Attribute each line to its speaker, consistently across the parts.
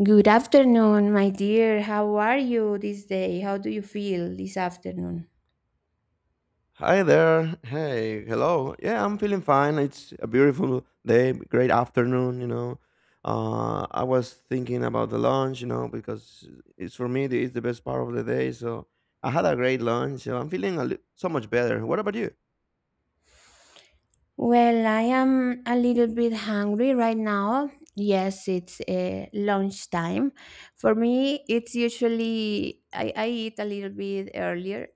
Speaker 1: Good afternoon, my dear. How are you this day? How do you feel this afternoon?
Speaker 2: Hi there. Hey, hello. Yeah, I'm feeling fine. It's a beautiful day, great afternoon, you know. I was thinking about the lunch, you know, because it's for me, it's the best part of the day. So I had a great lunch. So I'm feeling so much better. What about you?
Speaker 1: Well, I am a little bit hungry right now. Yes, it's lunchtime. For me, it's usually I eat a little bit earlier,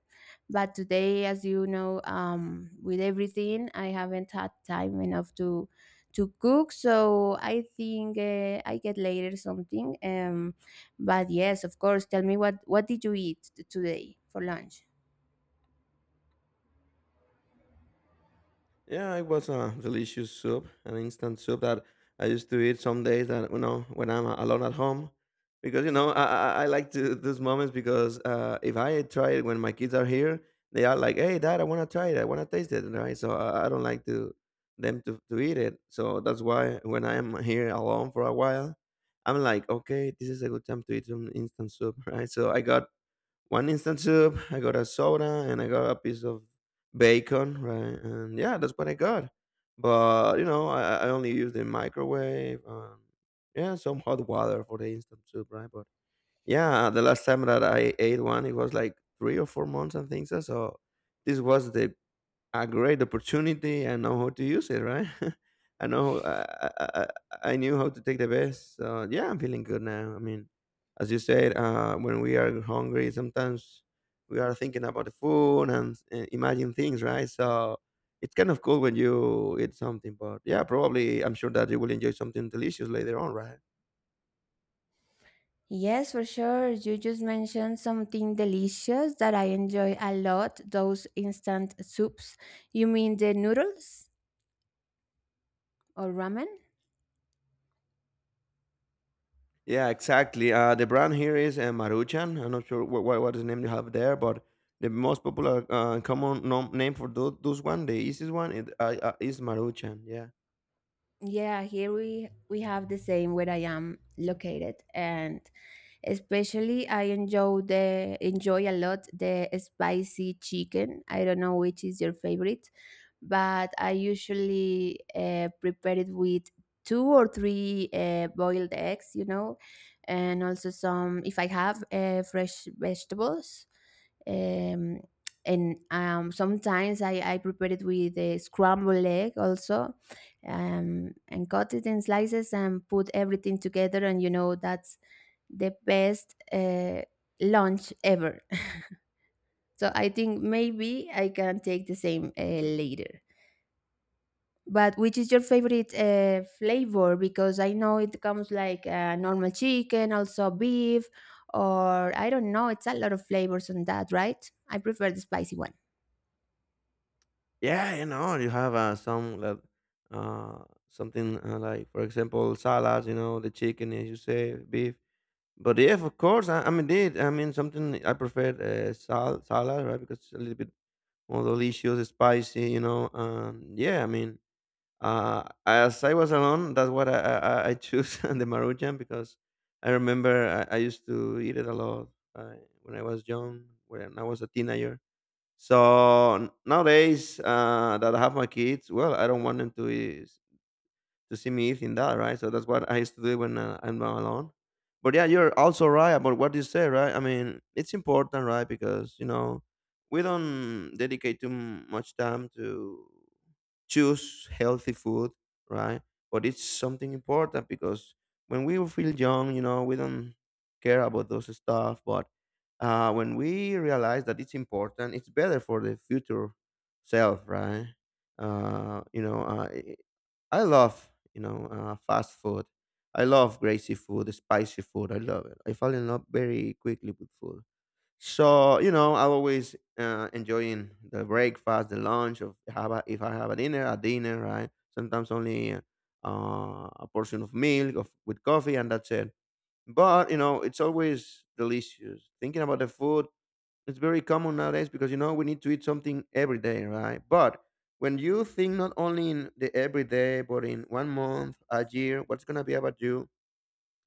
Speaker 1: but today, as you know, with everything, I haven't had time enough to cook. So I think I get later something. But yes, of course. Tell me what did you eat today for lunch?
Speaker 2: Yeah, it was a delicious soup, an instant soup that I used to eat some days that you know when I'm alone at home, because you know I like to those moments because if I try it when my kids are here, they are like, "Hey, Dad, I want to try it. I want to taste it." Right? So I don't like to them to eat it. So that's why when I am here alone for a while, I'm like, "Okay, this is a good time to eat some instant soup." Right? So I got one instant soup. I got a soda and I got a piece of bacon, right? And yeah, that's what I got. But you know, I only used the microwave. Yeah, some hot water for the instant soup, right? But yeah, the last time that I ate one, it was like 3 or 4 months and things. So this was the a great opportunity. I know how to use it, right? I know I, I I knew how to take the best. So yeah, I'm feeling good now. I mean, as you said, when we are hungry, sometimes we are thinking about the food and imagine things, right? So it's kind of cool when you eat something, but yeah, probably I'm sure that you will enjoy something delicious later on, right?
Speaker 1: Yes, for sure. You just mentioned something delicious that I enjoy a lot, those instant soups. You mean the noodles or ramen?
Speaker 2: Yeah, exactly. The brand here is Maruchan. I'm not sure what is the name you have there, but the most popular common name for those one, the easiest one, is Maruchan. Yeah,
Speaker 1: Yeah, here we have the same where I am located, and especially I enjoy the enjoy a lot the spicy chicken. I don't know which is your favorite, but I usually prepare it with two or three boiled eggs, you know, and also some, if I have fresh vegetables. Um, and sometimes I prepare it with a scrambled egg also and cut it in slices and put everything together. And you know, that's the best lunch ever. So I think maybe I can take the same later. But which is your favorite flavor? Because I know it comes like normal chicken, also beef, or I don't know. It's a lot of flavors on that, right? I prefer the spicy one.
Speaker 2: yeah. You know, you have some like uh, something like, for example, salads. You know, the chicken, as you say, beef. But yeah, of course. I mean, did I mean something? I prefer salad, right? Because it's a little bit more delicious, spicy. You know, and yeah, I mean as I was alone, that's what I choose the Maruchan because I remember I used to eat it a lot when I was young, when I was a teenager. So nowadays that I have my kids, well, I don't want to see me eating that, right? So that's what I used to do when I'm alone. But yeah, you're also right about what you say, right? I mean, it's important, right? Because you know we don't dedicate too much time to choose healthy food, right? But it's something important because when we feel young, you know, we don't care about those stuff. But when we realize that it's important, it's better for the future self, right? Uh, you know, uh, I I love, fast food. I love greasy food, spicy food. I love it. I fall in love very quickly with food. So you know, I always enjoying the breakfast, the lunch. If I have a dinner, right? Sometimes only a portion of milk with coffee, and that's it. But you know, it's always delicious. Thinking about the food, it's very common nowadays because you know we need to eat something every day, right? But when you think not only in the everyday, but in one month, a year, what's gonna be about you?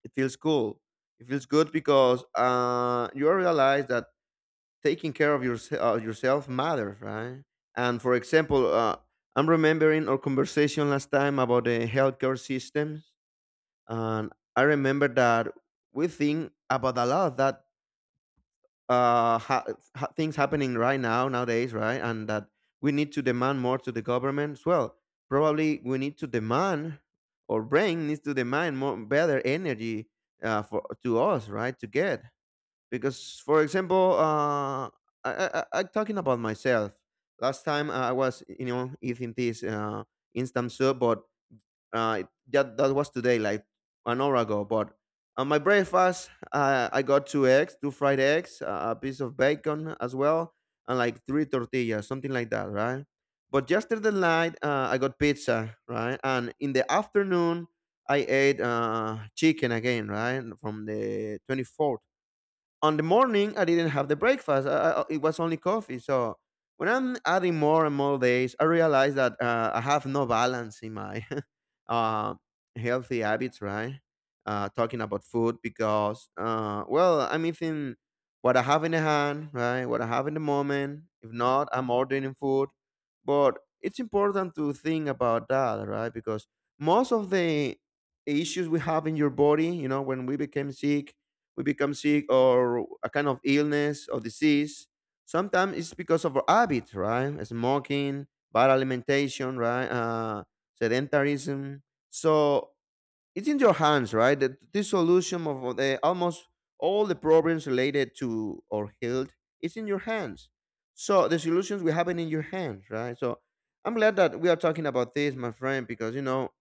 Speaker 2: It feels cool. It feels good because you realize that taking care of your yourself matters, right? And for example, I'm remembering our conversation last time about the healthcare systems, and I remember that we think about a lot of that uh, ha- things happening right now nowadays, right? And that we need to demand more to the government as well. Probably we need to demand, or brain needs to demand more better energy for to us, right? To get because for example I'm talking about myself last time I was you know eating this instant soup but uh that was today like an hour ago but on my breakfast I got two fried eggs a piece of bacon as well and like three tortillas something like that, right? But yesterday night I got pizza, right? And in the afternoon I ate chicken again, right? From the 24th on the morning I didn't have the breakfast. It was only coffee. So when I'm adding more and more days, I realize that I have no balance in my uh, healthy habits. Right? Talking about food because well, I'm eating what I have in the hand, right? What I have in the moment. If not, I'm ordering food. But it's important to think about that, right? Because most of the issues we have in your body, you know, when we became sick, we become sick or a kind of illness or disease. Sometimes it's because of our habit, right? Smoking, bad alimentation, right? Sedentarism. So it's in your hands, right? The solution of the almost all the problems related to our health is in your hands. So the solutions we have it in your hands, right? So I'm glad that we are talking about this, my friend, because you know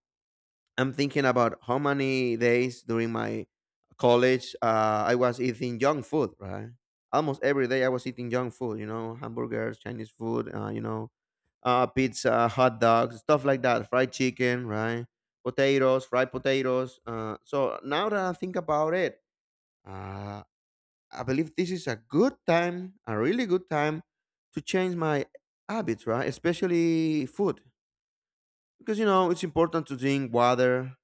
Speaker 2: I'm thinking about how many days during my college I was eating junk food, right? Almost every day I was eating junk food, you know, hamburgers, Chinese food, pizza, hot dogs, stuff like that, fried chicken, right? Potatoes, fried potatoes. So now that I think about it, uh, I believe this is a good time, a really good time to change my habits, right? Especially food. Because, you know, it's important to drink water,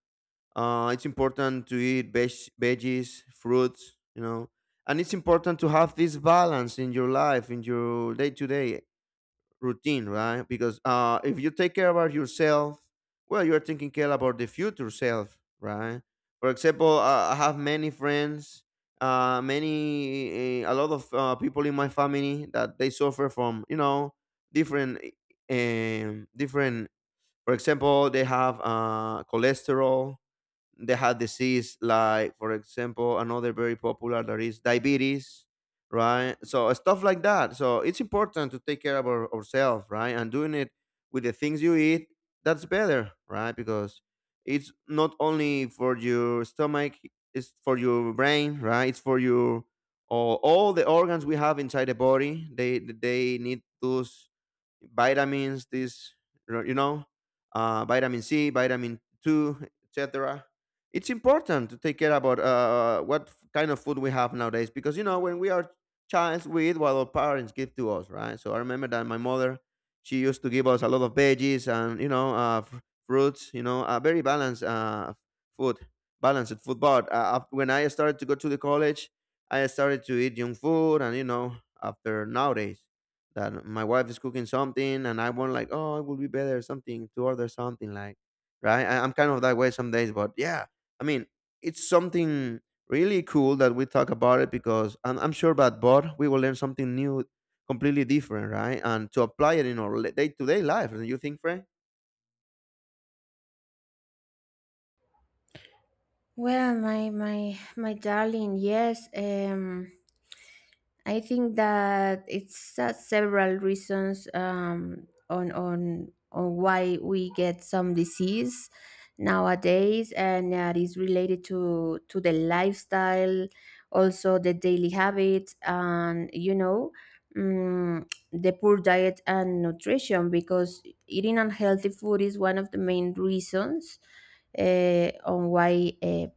Speaker 2: it's important to eat veggies, fruits, you know, and it's important to have this balance in your life, in your day to day routine, right? Because if you take care about yourself, well, you're taking care about the future self, right? For example, I have many friends, a lot of people in my family that they suffer from, you know, different, different. For example, they have cholesterol, they have disease like for example another very popular that is diabetes, right? So stuff like that, so it's important to take care of ourselves, right? And doing it with the things you eat, that's better, right? Because it's not only for your stomach, it's for your brain, right? It's for your all the organs we have inside the body, they need those vitamins, this you know, vitamin C, vitamin 2, etc. It's important to take care about what kind of food we have nowadays because you know when we are child, we eat what our parents give to us, right? So I remember that my mother, she used to give us a lot of veggies and you know fruits, you know, a very balanced food, balanced food. But when I started to go to the college, I started to eat junk food, and you know, after nowadays that my wife is cooking something and I want like, oh, it would be better something to order something like, right? I'm kind of that way some days, but yeah, I mean, it's something really cool that we talk about it because I'm sure that but we will learn something new, completely different, right? And to apply it in our day to day life. Don't you think, Frank?
Speaker 1: Well, my darling, yes. I think that it's several reasons on why we get some disease nowadays, and that is related to the lifestyle, also the daily habits, and you know, mm the poor diet and nutrition. Because eating unhealthy food is one of the main reasons on why.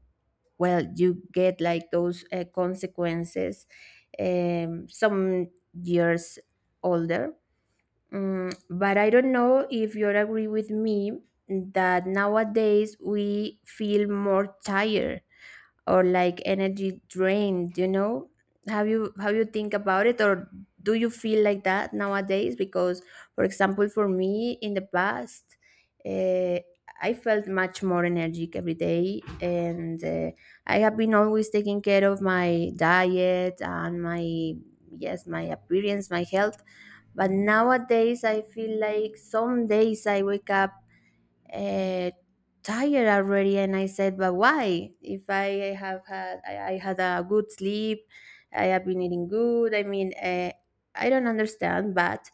Speaker 1: Well, you get like those consequences some years older. But I don't know if you agree with me that nowadays we feel more tired or like energy drained, you know, how you think about it, or do you feel like that nowadays? Because for example, for me in the past, uh, I felt much more energetic every day, and I have been always taking care of my diet and my, yes, my appearance, my health. But nowadays I feel like some days I wake up uh, tired already, and I said, but why if I had a good sleep, I have been eating good. I mean, I don't understand, but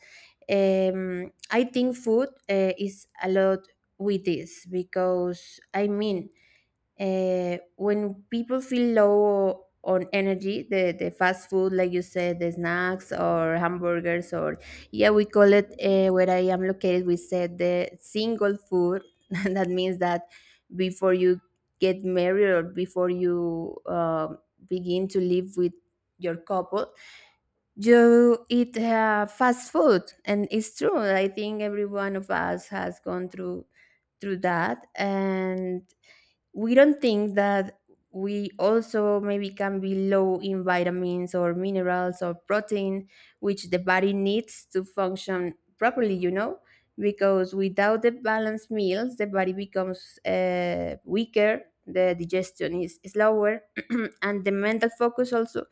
Speaker 1: I think food is a lot with this because I mean, when people feel low on energy, the fast food, like you said, the snacks or hamburgers, or yeah, we call it, where I am located, we said the single food that means that before you get married or before you begin to live with your couple, you eat fast food. And it's true, I think every one of us has gone through that, and we don't think that we also maybe can be low in vitamins or minerals or protein, which the body needs to function properly, you know, because without the balanced meals, the body becomes weaker, the digestion is slower, and the mental focus also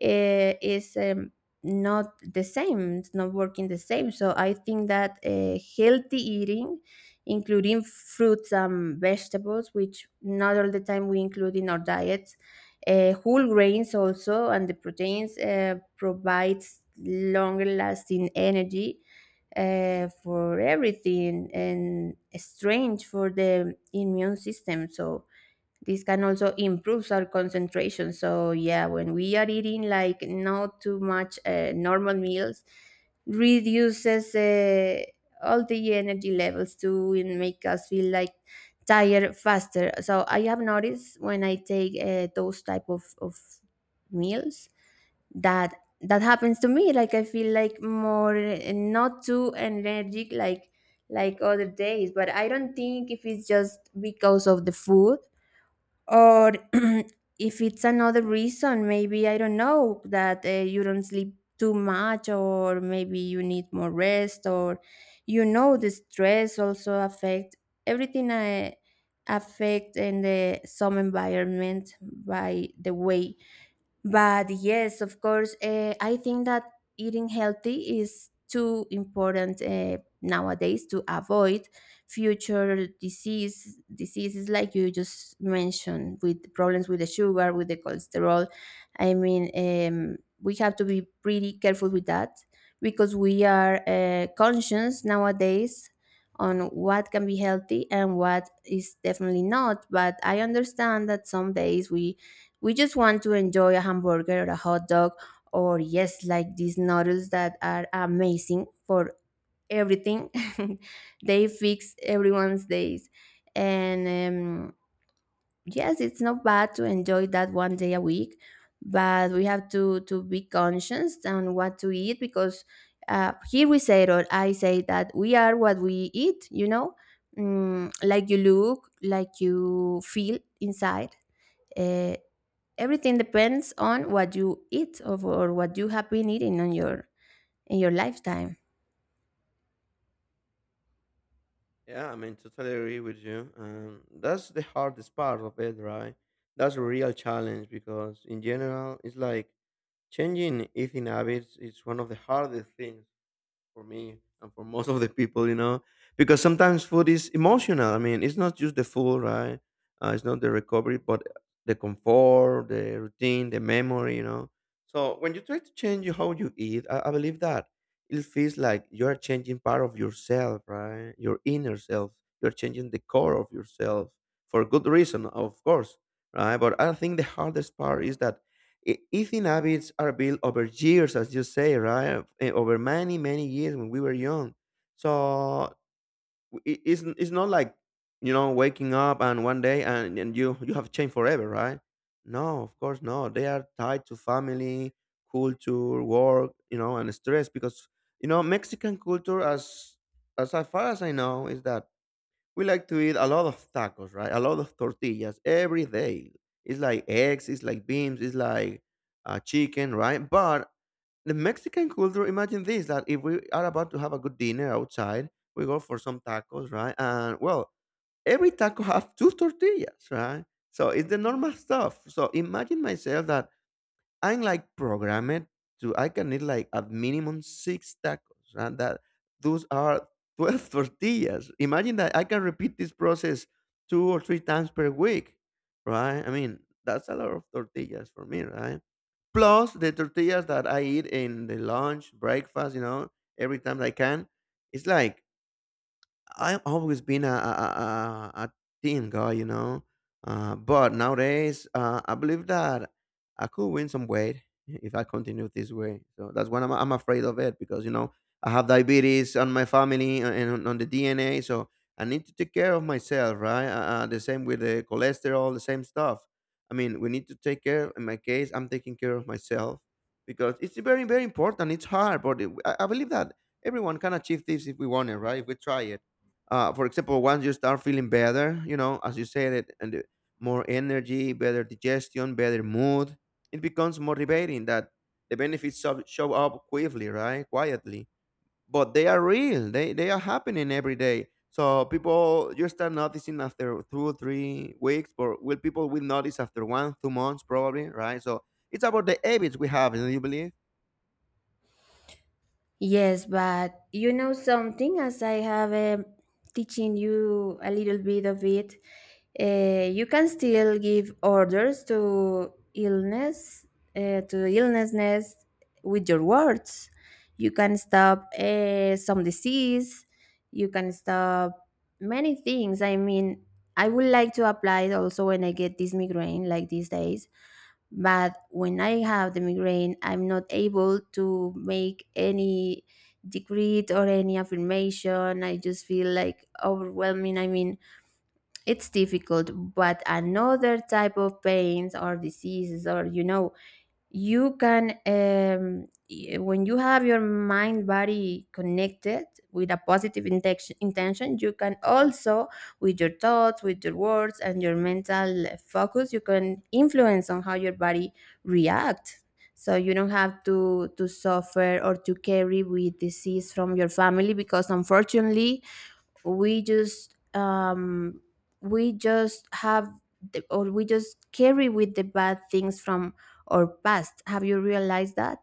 Speaker 1: is not the same, it's not working the same. So I think that healthy eating, including fruits and vegetables, which not all the time we include in our diets, whole grains also, and the proteins provides longer lasting energy for everything, and strength for the immune system, so this can also improves our concentration. So yeah, when we are eating like not too much normal meals, reduces all the energy levels to and make us feel like tired faster. So I have noticed when I take those type of meals, that that happens to me, like I feel like more not too energetic like other days, but I don't think if it's just because of the food or if it's another reason. Maybe I don't know that you don't sleep too much, or maybe you need more rest, or you know, the stress also affect everything, I affect in the some environment, by the way. But yes, of course, I think that eating healthy is too important nowadays to avoid future diseases, like you just mentioned, with problems with the sugar, with the cholesterol. I mean, we have to be pretty careful with that because we are conscious nowadays on what can be healthy and what is definitely not. But I understand that some days we just want to enjoy a hamburger or a hot dog, or yes, like these noodles that are amazing for everything. They fix everyone's days. And yes, it's not bad to enjoy that one day a week, but we have to be conscious on what to eat, because here we say, or I say, that we are what we eat, you know? Like you look, like you feel inside. Uh, Everything depends on what you eat, or what you have been eating on your, in your lifetime.
Speaker 2: Yeah, I mean, totally agree with you. That's the hardest part of it, right? That's a real challenge because, in general, it's like changing eating habits is one of the hardest things for me and for most of the people, you know, because sometimes food is emotional. I mean, it's not just the food, right? It's not the recovery, but the comfort, the routine, the memory, you know. So when you try to change how you eat, I believe that it feels like you are changing part of yourself, right? Your inner self. You're changing the core of yourself for good reason, of course, right? But I think the hardest part is that eating habits are built over years, as you say, right? Over many, many years when we were young. So it's not like, you know, waking up and one day and, you, you have changed forever, right? No, of course not. They are tied to family, culture, work, you know, and stress because, you know, Mexican culture, as far as I know, is that we like to eat a lot of tacos, right? A lot of tortillas every day. It's like eggs, it's like beans, it's like chicken, right? But the Mexican culture, imagine this that if we are about to have a good dinner outside, we go for some tacos, right? And well, every taco have two tortillas, right? So it's the normal stuff. So imagine myself that I'm like program it to I can eat like at minimum six tacos, and that those are 12 tortillas. Imagine that I can repeat this process two or three times per week, right? I mean, that's a lot of tortillas for me, right? Plus the tortillas that I eat in the lunch, breakfast, you know, every time I can, it's like I've always been a team guy, you know. But nowadays, I believe that I could win some weight if I continue this way. So that's why I'm afraid of it because you know I have diabetes on my family and on the DNA. So I need to take care of myself, right? The same with the cholesterol, the same stuff. I mean, we need to take care. In my case, I'm taking care of myself because it's very, very important. It's hard, but I believe that everyone can achieve this if we want it, right? If we try it for example, once you start feeling better, you know, as you said it, and more energy, better digestion, better mood, it becomes motivating that the benefits show up quickly, right? Quietly, but they are real. They are happening every day. So people, you start noticing after 2 or 3 weeks, but will people will notice after one, 2 months, probably, right? So it's about the habits we have, do you believe?
Speaker 1: Yes, but you know something, as I have teaching you a little bit of it, you can still give orders to illness, to illnessness with your words. You can stop some disease. You can stop many things. I mean, I would like to apply it also when I get this migraine like these days. But when I have the migraine, I'm not able to make any decree or any affirmation. I just feel like overwhelming. I mean, it's difficult, but another type of pains or diseases, or you know, you can when you have your mind body connected with a positive intention, you can also with your thoughts, with your words, and your mental focus, you can influence on how your body reacts, so you don't have to suffer or to carry with disease from your family. Because unfortunately we just um we just have the, or we just carry with the bad things from our past. Have you realized that?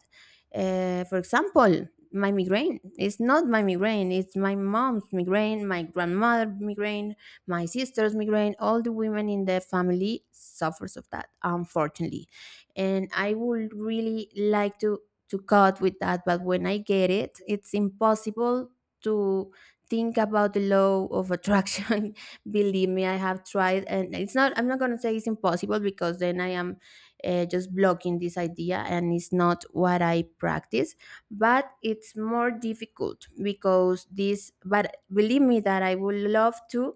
Speaker 1: For example, my migraine, it's not my migraine, it's my mom's migraine, my grandmother migraine, my sister's migraine. All the women in the family suffers of that, unfortunately, and I would really like to cut with that, but when I get it, it's impossible to think about the law of attraction. Believe me, I have tried, and it's not, I'm not going to say it's impossible, because then I am just blocking this idea, and it's not what I practice, but it's more difficult because this. But believe me that I would love to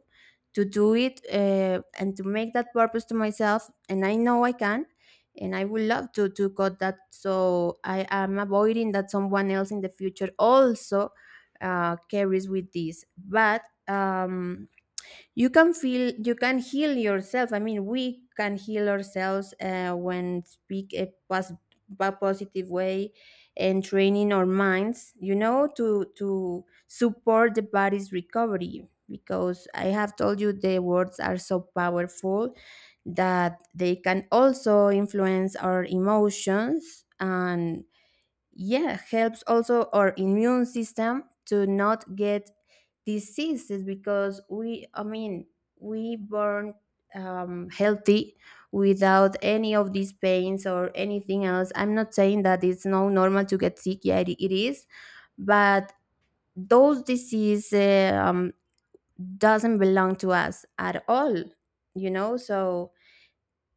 Speaker 1: do it, and to make that purpose to myself, and I know I can, and I would love to cut that, so I am avoiding that someone else in the future also carries with this. But um, you can feel, you can heal yourself. I mean, we can heal ourselves when speak a positive way, and training our minds, you know, to support the body's recovery, because I have told you the words are so powerful that they can also influence our emotions, and yeah, helps also our immune system to not get diseases. Because we I mean, we born healthy, without any of these pains or anything else. I'm not saying that it's no normal to get sick. Yeah, it is, but those diseases doesn't belong to us at all, you know. So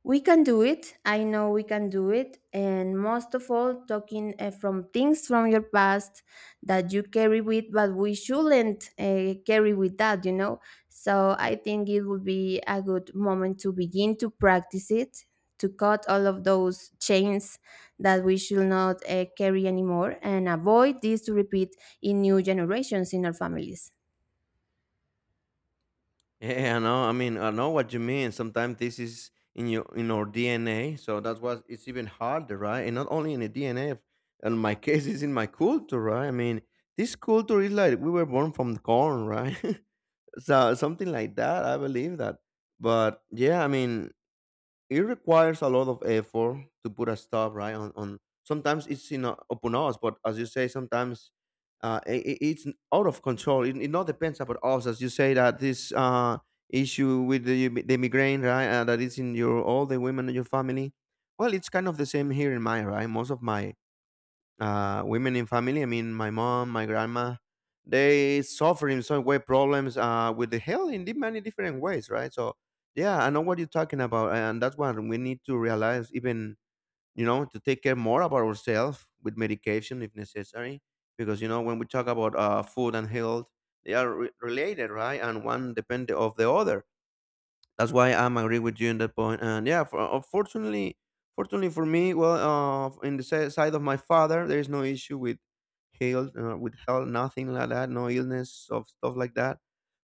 Speaker 1: we can do it. I know we can do it. And most of all, talking from things from your past that you carry with, but we shouldn't carry with that, you know? So I think it would be a good moment to begin to practice it, to cut all of those chains that we should not carry anymore, and avoid this to repeat in new generations in our families.
Speaker 2: Yeah, I know. I mean, I know what you mean. Sometimes this is in your in our DNA, so that's why it's even harder, right? And not only in the DNA, in my case, it's in my culture, right? I mean, this culture is like we were born from the corn, right? So something like that. I believe that. But yeah, I mean, it requires a lot of effort to put a stop right on sometimes it's in upon us, but as you say sometimes it's out of control. It not depends about us, as you say that this issue with the migraine, right? That is in your all the women in your family. Well, it's kind of the same here in my, right? Most of my women in family. I mean, my mom, my grandma, they suffer in some way problems with the health in many different ways, right? So, yeah, I know what you're talking about, and that's what we need to realize. Even you know, to take care more about ourselves with medication if necessary, because you know when we talk about food and health, they are related, right? And one depend of the other. That's why I'm agree with you in that point. And yeah, unfortunately, fortunately for me, well, in the side of my father, there is no issue with health, nothing like that, no illness of stuff like that.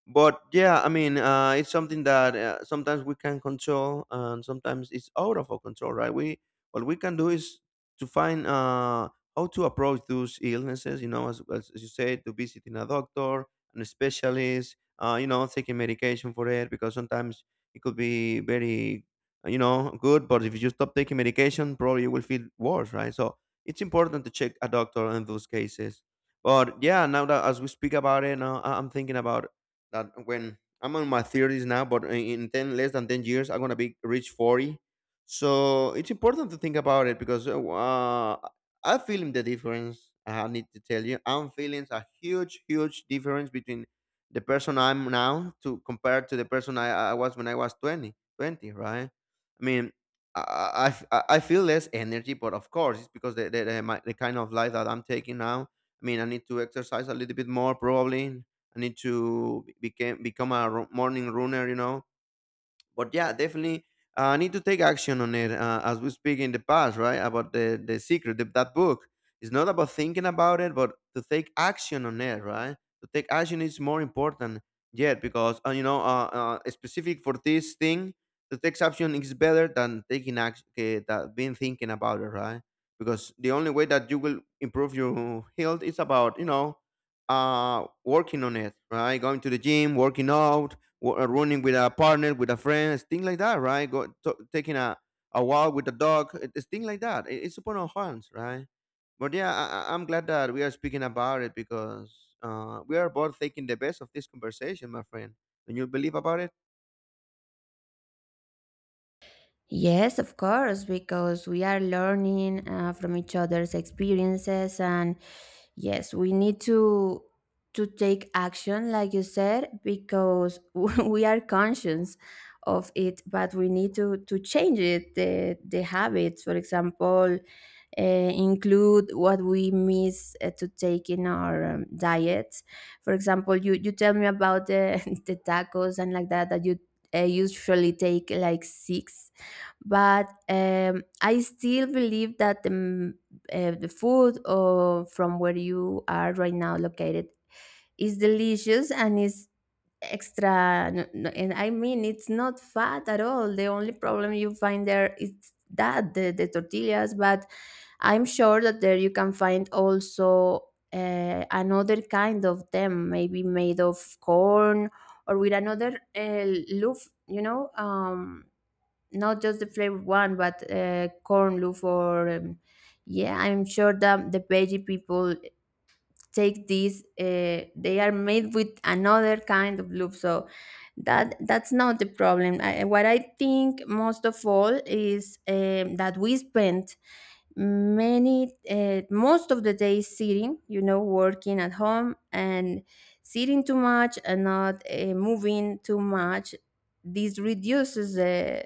Speaker 2: But yeah, I mean, it's something that sometimes we can control, and sometimes it's out of our control, right? We What we can do is to find how to approach those illnesses. You know, as you said, to visiting a doctor, and a specialist. You know, taking medication for it because sometimes it could be very you know good, but if you stop taking medication probably you will feel worse, right? So it's important to check a doctor in those cases. But yeah, now that as we speak about it now, I'm thinking about that when I'm on my 30s now, but in 10, less than 10 years, I'm gonna be reach 40. So it's important to think about it because I'm feeling the difference. I need to tell you, I'm feeling a huge, huge difference between the person I'm now to compare to the person I was when I was 20, 20? I mean, I I I I feel less energy, but of course, it's because the kind of life that I'm taking now. I mean, I need to exercise a little bit more, probably. I need to become a morning runner, you know, but yeah, definitely I need to take action on it, as we speak in the past, right? About the secret, that book. It's not about thinking about it, but to take action on it, right? To take action is more important yet because specific for this thing, to take action is better than taking action, that being thinking about it, right? Because the only way that you will improve your health is about you know, working on it, right? Going to the gym, working out, running with a partner, with a friend, things like that, right? Taking a walk with a dog, it's things like that. It's upon our hands, right? But yeah, I'm glad that we are speaking about it because we are both taking the best of this conversation, my friend. Don't you believe about it?
Speaker 1: Yes, of course, because we are learning from each other's experiences. And yes, we need to take action, like you said, because we are conscious of it, but we need to change it the habits. For example, include what we miss to take in our diet. For example, you tell me about the the tacos and like that, that you usually take like six. But I still believe that the food or from where you are right now located is delicious and is extra. And I mean, it's not fat at all. The only problem you find there is that the tortillas, but I'm sure that there you can find also another kind of them, maybe made of corn or with another loaf, you know. Not just the flavored one, but corn loaf or yeah, I'm sure that the veggie people take these. They are made with another kind of loaf, so that's not the problem. What I think most of all is that we spend many most of the day is sitting, you know, working at home and sitting too much and not moving too much. This reduces the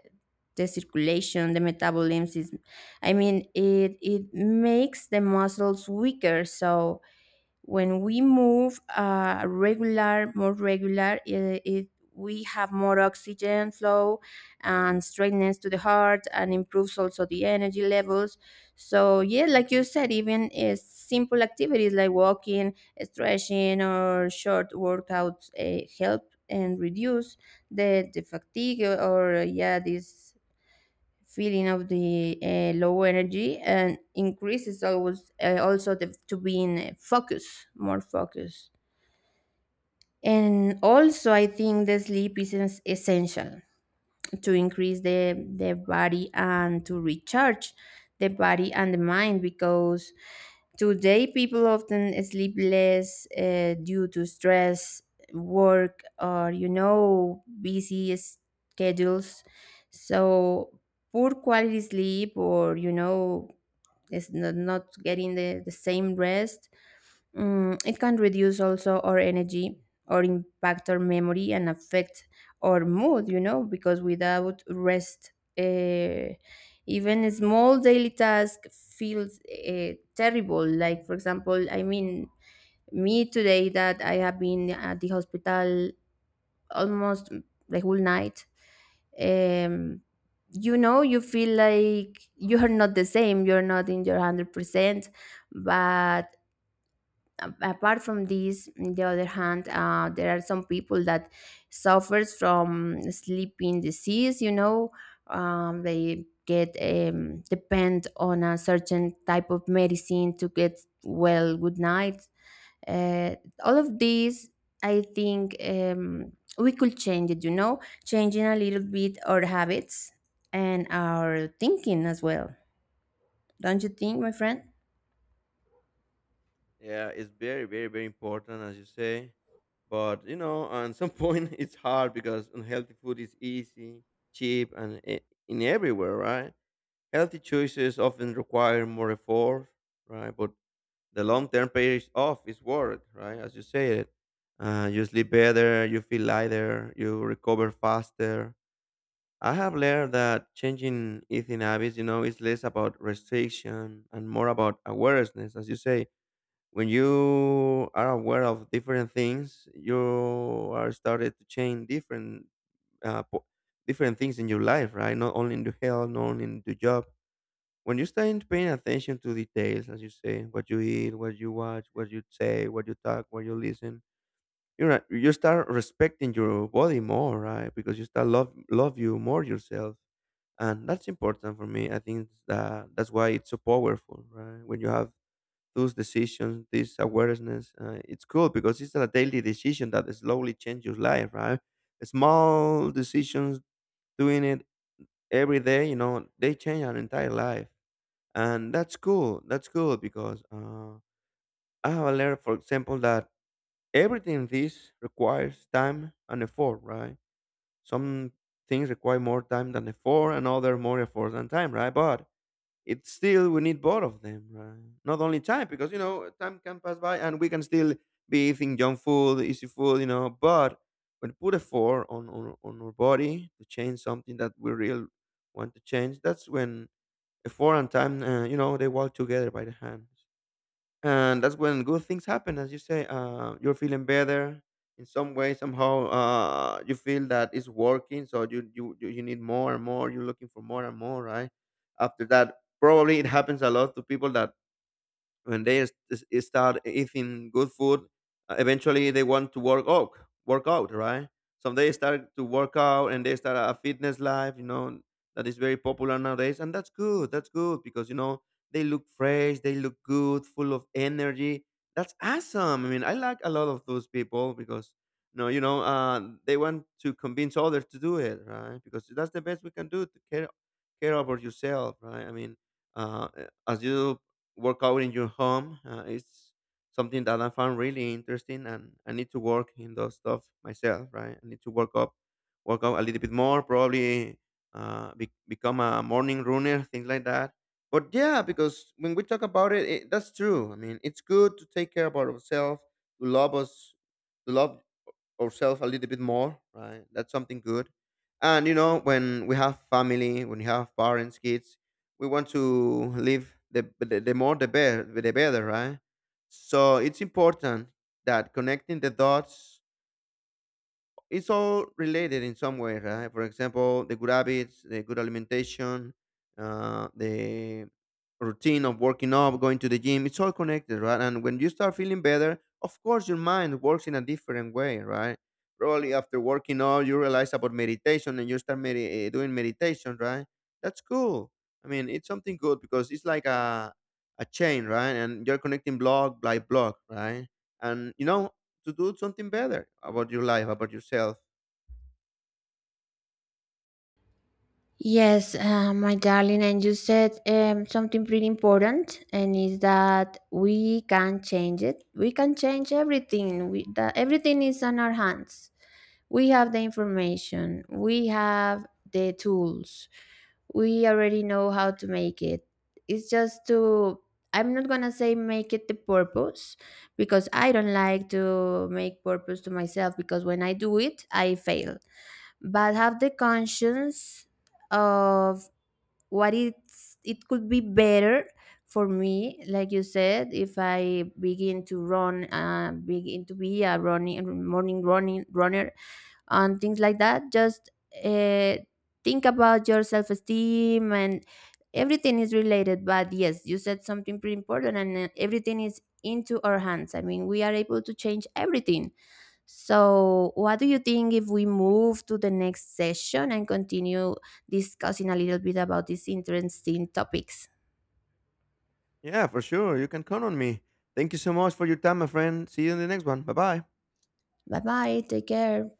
Speaker 1: circulation, the metabolism. I mean, it makes the muscles weaker. So when we move regular more regular it, it we have more oxygen flow and straightness to the heart, and improves also the energy levels. So yeah, like you said, even simple activities like walking, stretching or short workouts help and reduce the fatigue or yeah, this feeling of the low energy, and increases always also the, to being focus more focus. And also I think the sleep is essential to increase the body and to recharge the body and the mind, because today people often sleep less due to stress, work, or you know, busy schedules. So poor quality sleep, or you know, it's not getting the same rest. Mm, it can reduce also our energy or impact our memory and affect our mood, you know, because without rest, uh, even a small daily task feels terrible. Like, for example, I mean, me today that I have been at the hospital almost the whole night. Um, you know, you feel like you're not the same, you're not in your 100%, but apart from this, on the other hand there are some people that suffers from sleeping disease, you know. They get, depend on a certain type of medicine to get well, good night. uh, all of these, I think, we could change it, you know, changing a little bit our habits and our thinking as well. Don't you think, my friend?
Speaker 2: Yeah, it's very, very, very important, as you say. But you know, on some point, it's hard because unhealthy food is easy, cheap, and in everywhere, right? Healthy choices often require more effort, right? But the long term pays off is work, right? As you say it, you sleep better, you feel lighter, you recover faster. I have learned that changing eating habits, you know, is less about restriction and more about awareness. As you say, when you are aware of different things, you are started to change different uh, po- different things in your life, right? Not only in your health, not only in your job when you start paying attention to details, as you say, what you eat, what you watch, what you say, what you talk, what you listen, you're right, you start respecting your body more, right? Because you start love you more yourself, and that's important for me. I think that that's why it's so powerful, right? When you have those decisions, this awareness, it's cool because it's a daily decision that slowly changes your life, right? Small decisions, doing it every day, you know, they change our entire life, and that's cool because I have learned for example that everything this requires time and effort, right? Some things require more time than effort, and other more effort than time, right? But it's still we need both of them, right? Not only time, because you know time can pass by, and we can still be eating junk food, easy food, you know, but when put effort on our body to change something that we really want to change, that's when a four and time you know they walk together by the hands. And that's when good things happen, as you say, you're feeling better in some way somehow. You feel that it's working, so you need more and more, you're looking for more and more, right? After that probably it happens a lot to people that when they start eating good food, eventually they want to work out, work out, right? So they start to work out, and they start a fitness life, you know, that is very popular nowadays. And that's good because you know they look fresh, they look good, full of energy. That's awesome. I mean, I like a lot of those people because no, you know, they want to convince others to do it, right? Because that's the best we can do to care about yourself, right? I mean, uh, as you work out in your home is something that I found really interesting, and I need to work in those stuff myself, right? I need to work up, work out a little bit more, probably become a morning runner, things like that. But yeah, because when we talk about it, that's true. I mean, it's good to take care about ourselves, to love us, to love ourselves a little bit more, right? That's something good. And you know, when we have family, when you have parents, kids, we want to live the more the better, right? So it's important that connecting the dots it's all related in some way, right? For example, the good habits, the good alimentation, the routine of working up, going to the gym, it's all connected, right? And when you start feeling better, of course, your mind works in a different way, right? Probably after working out, you realize about meditation and you start doing meditation, right? That's cool. I mean, it's something good because it's like a chain, right? And you're connecting block by block, right? And you know, to do something better about your life, about yourself.
Speaker 1: Yes, my darling, and you said something pretty important, and is that we can change it. We can change everything. That everything is on our hands. We have the information. We have the tools. We already know how to make it. It's just to. I'm not gonna say make it the purpose, because I don't like to make purpose to myself, because when I do it, I fail, but have the conscience of what it could be better for me. Like you said, if I begin to run, begin to be a running morning running runner and things like that, just uh, think about your self-esteem, and everything is related. But yes, you said something pretty important, and everything is into our hands. I mean, we are able to change everything. So, what do you think if we move to the next session and continue discussing a little bit about these interesting topics?
Speaker 2: Yeah, for sure. You can count on me. Thank you so much for your time, my friend. See you in the next one. Bye bye.
Speaker 1: Bye bye. Take care.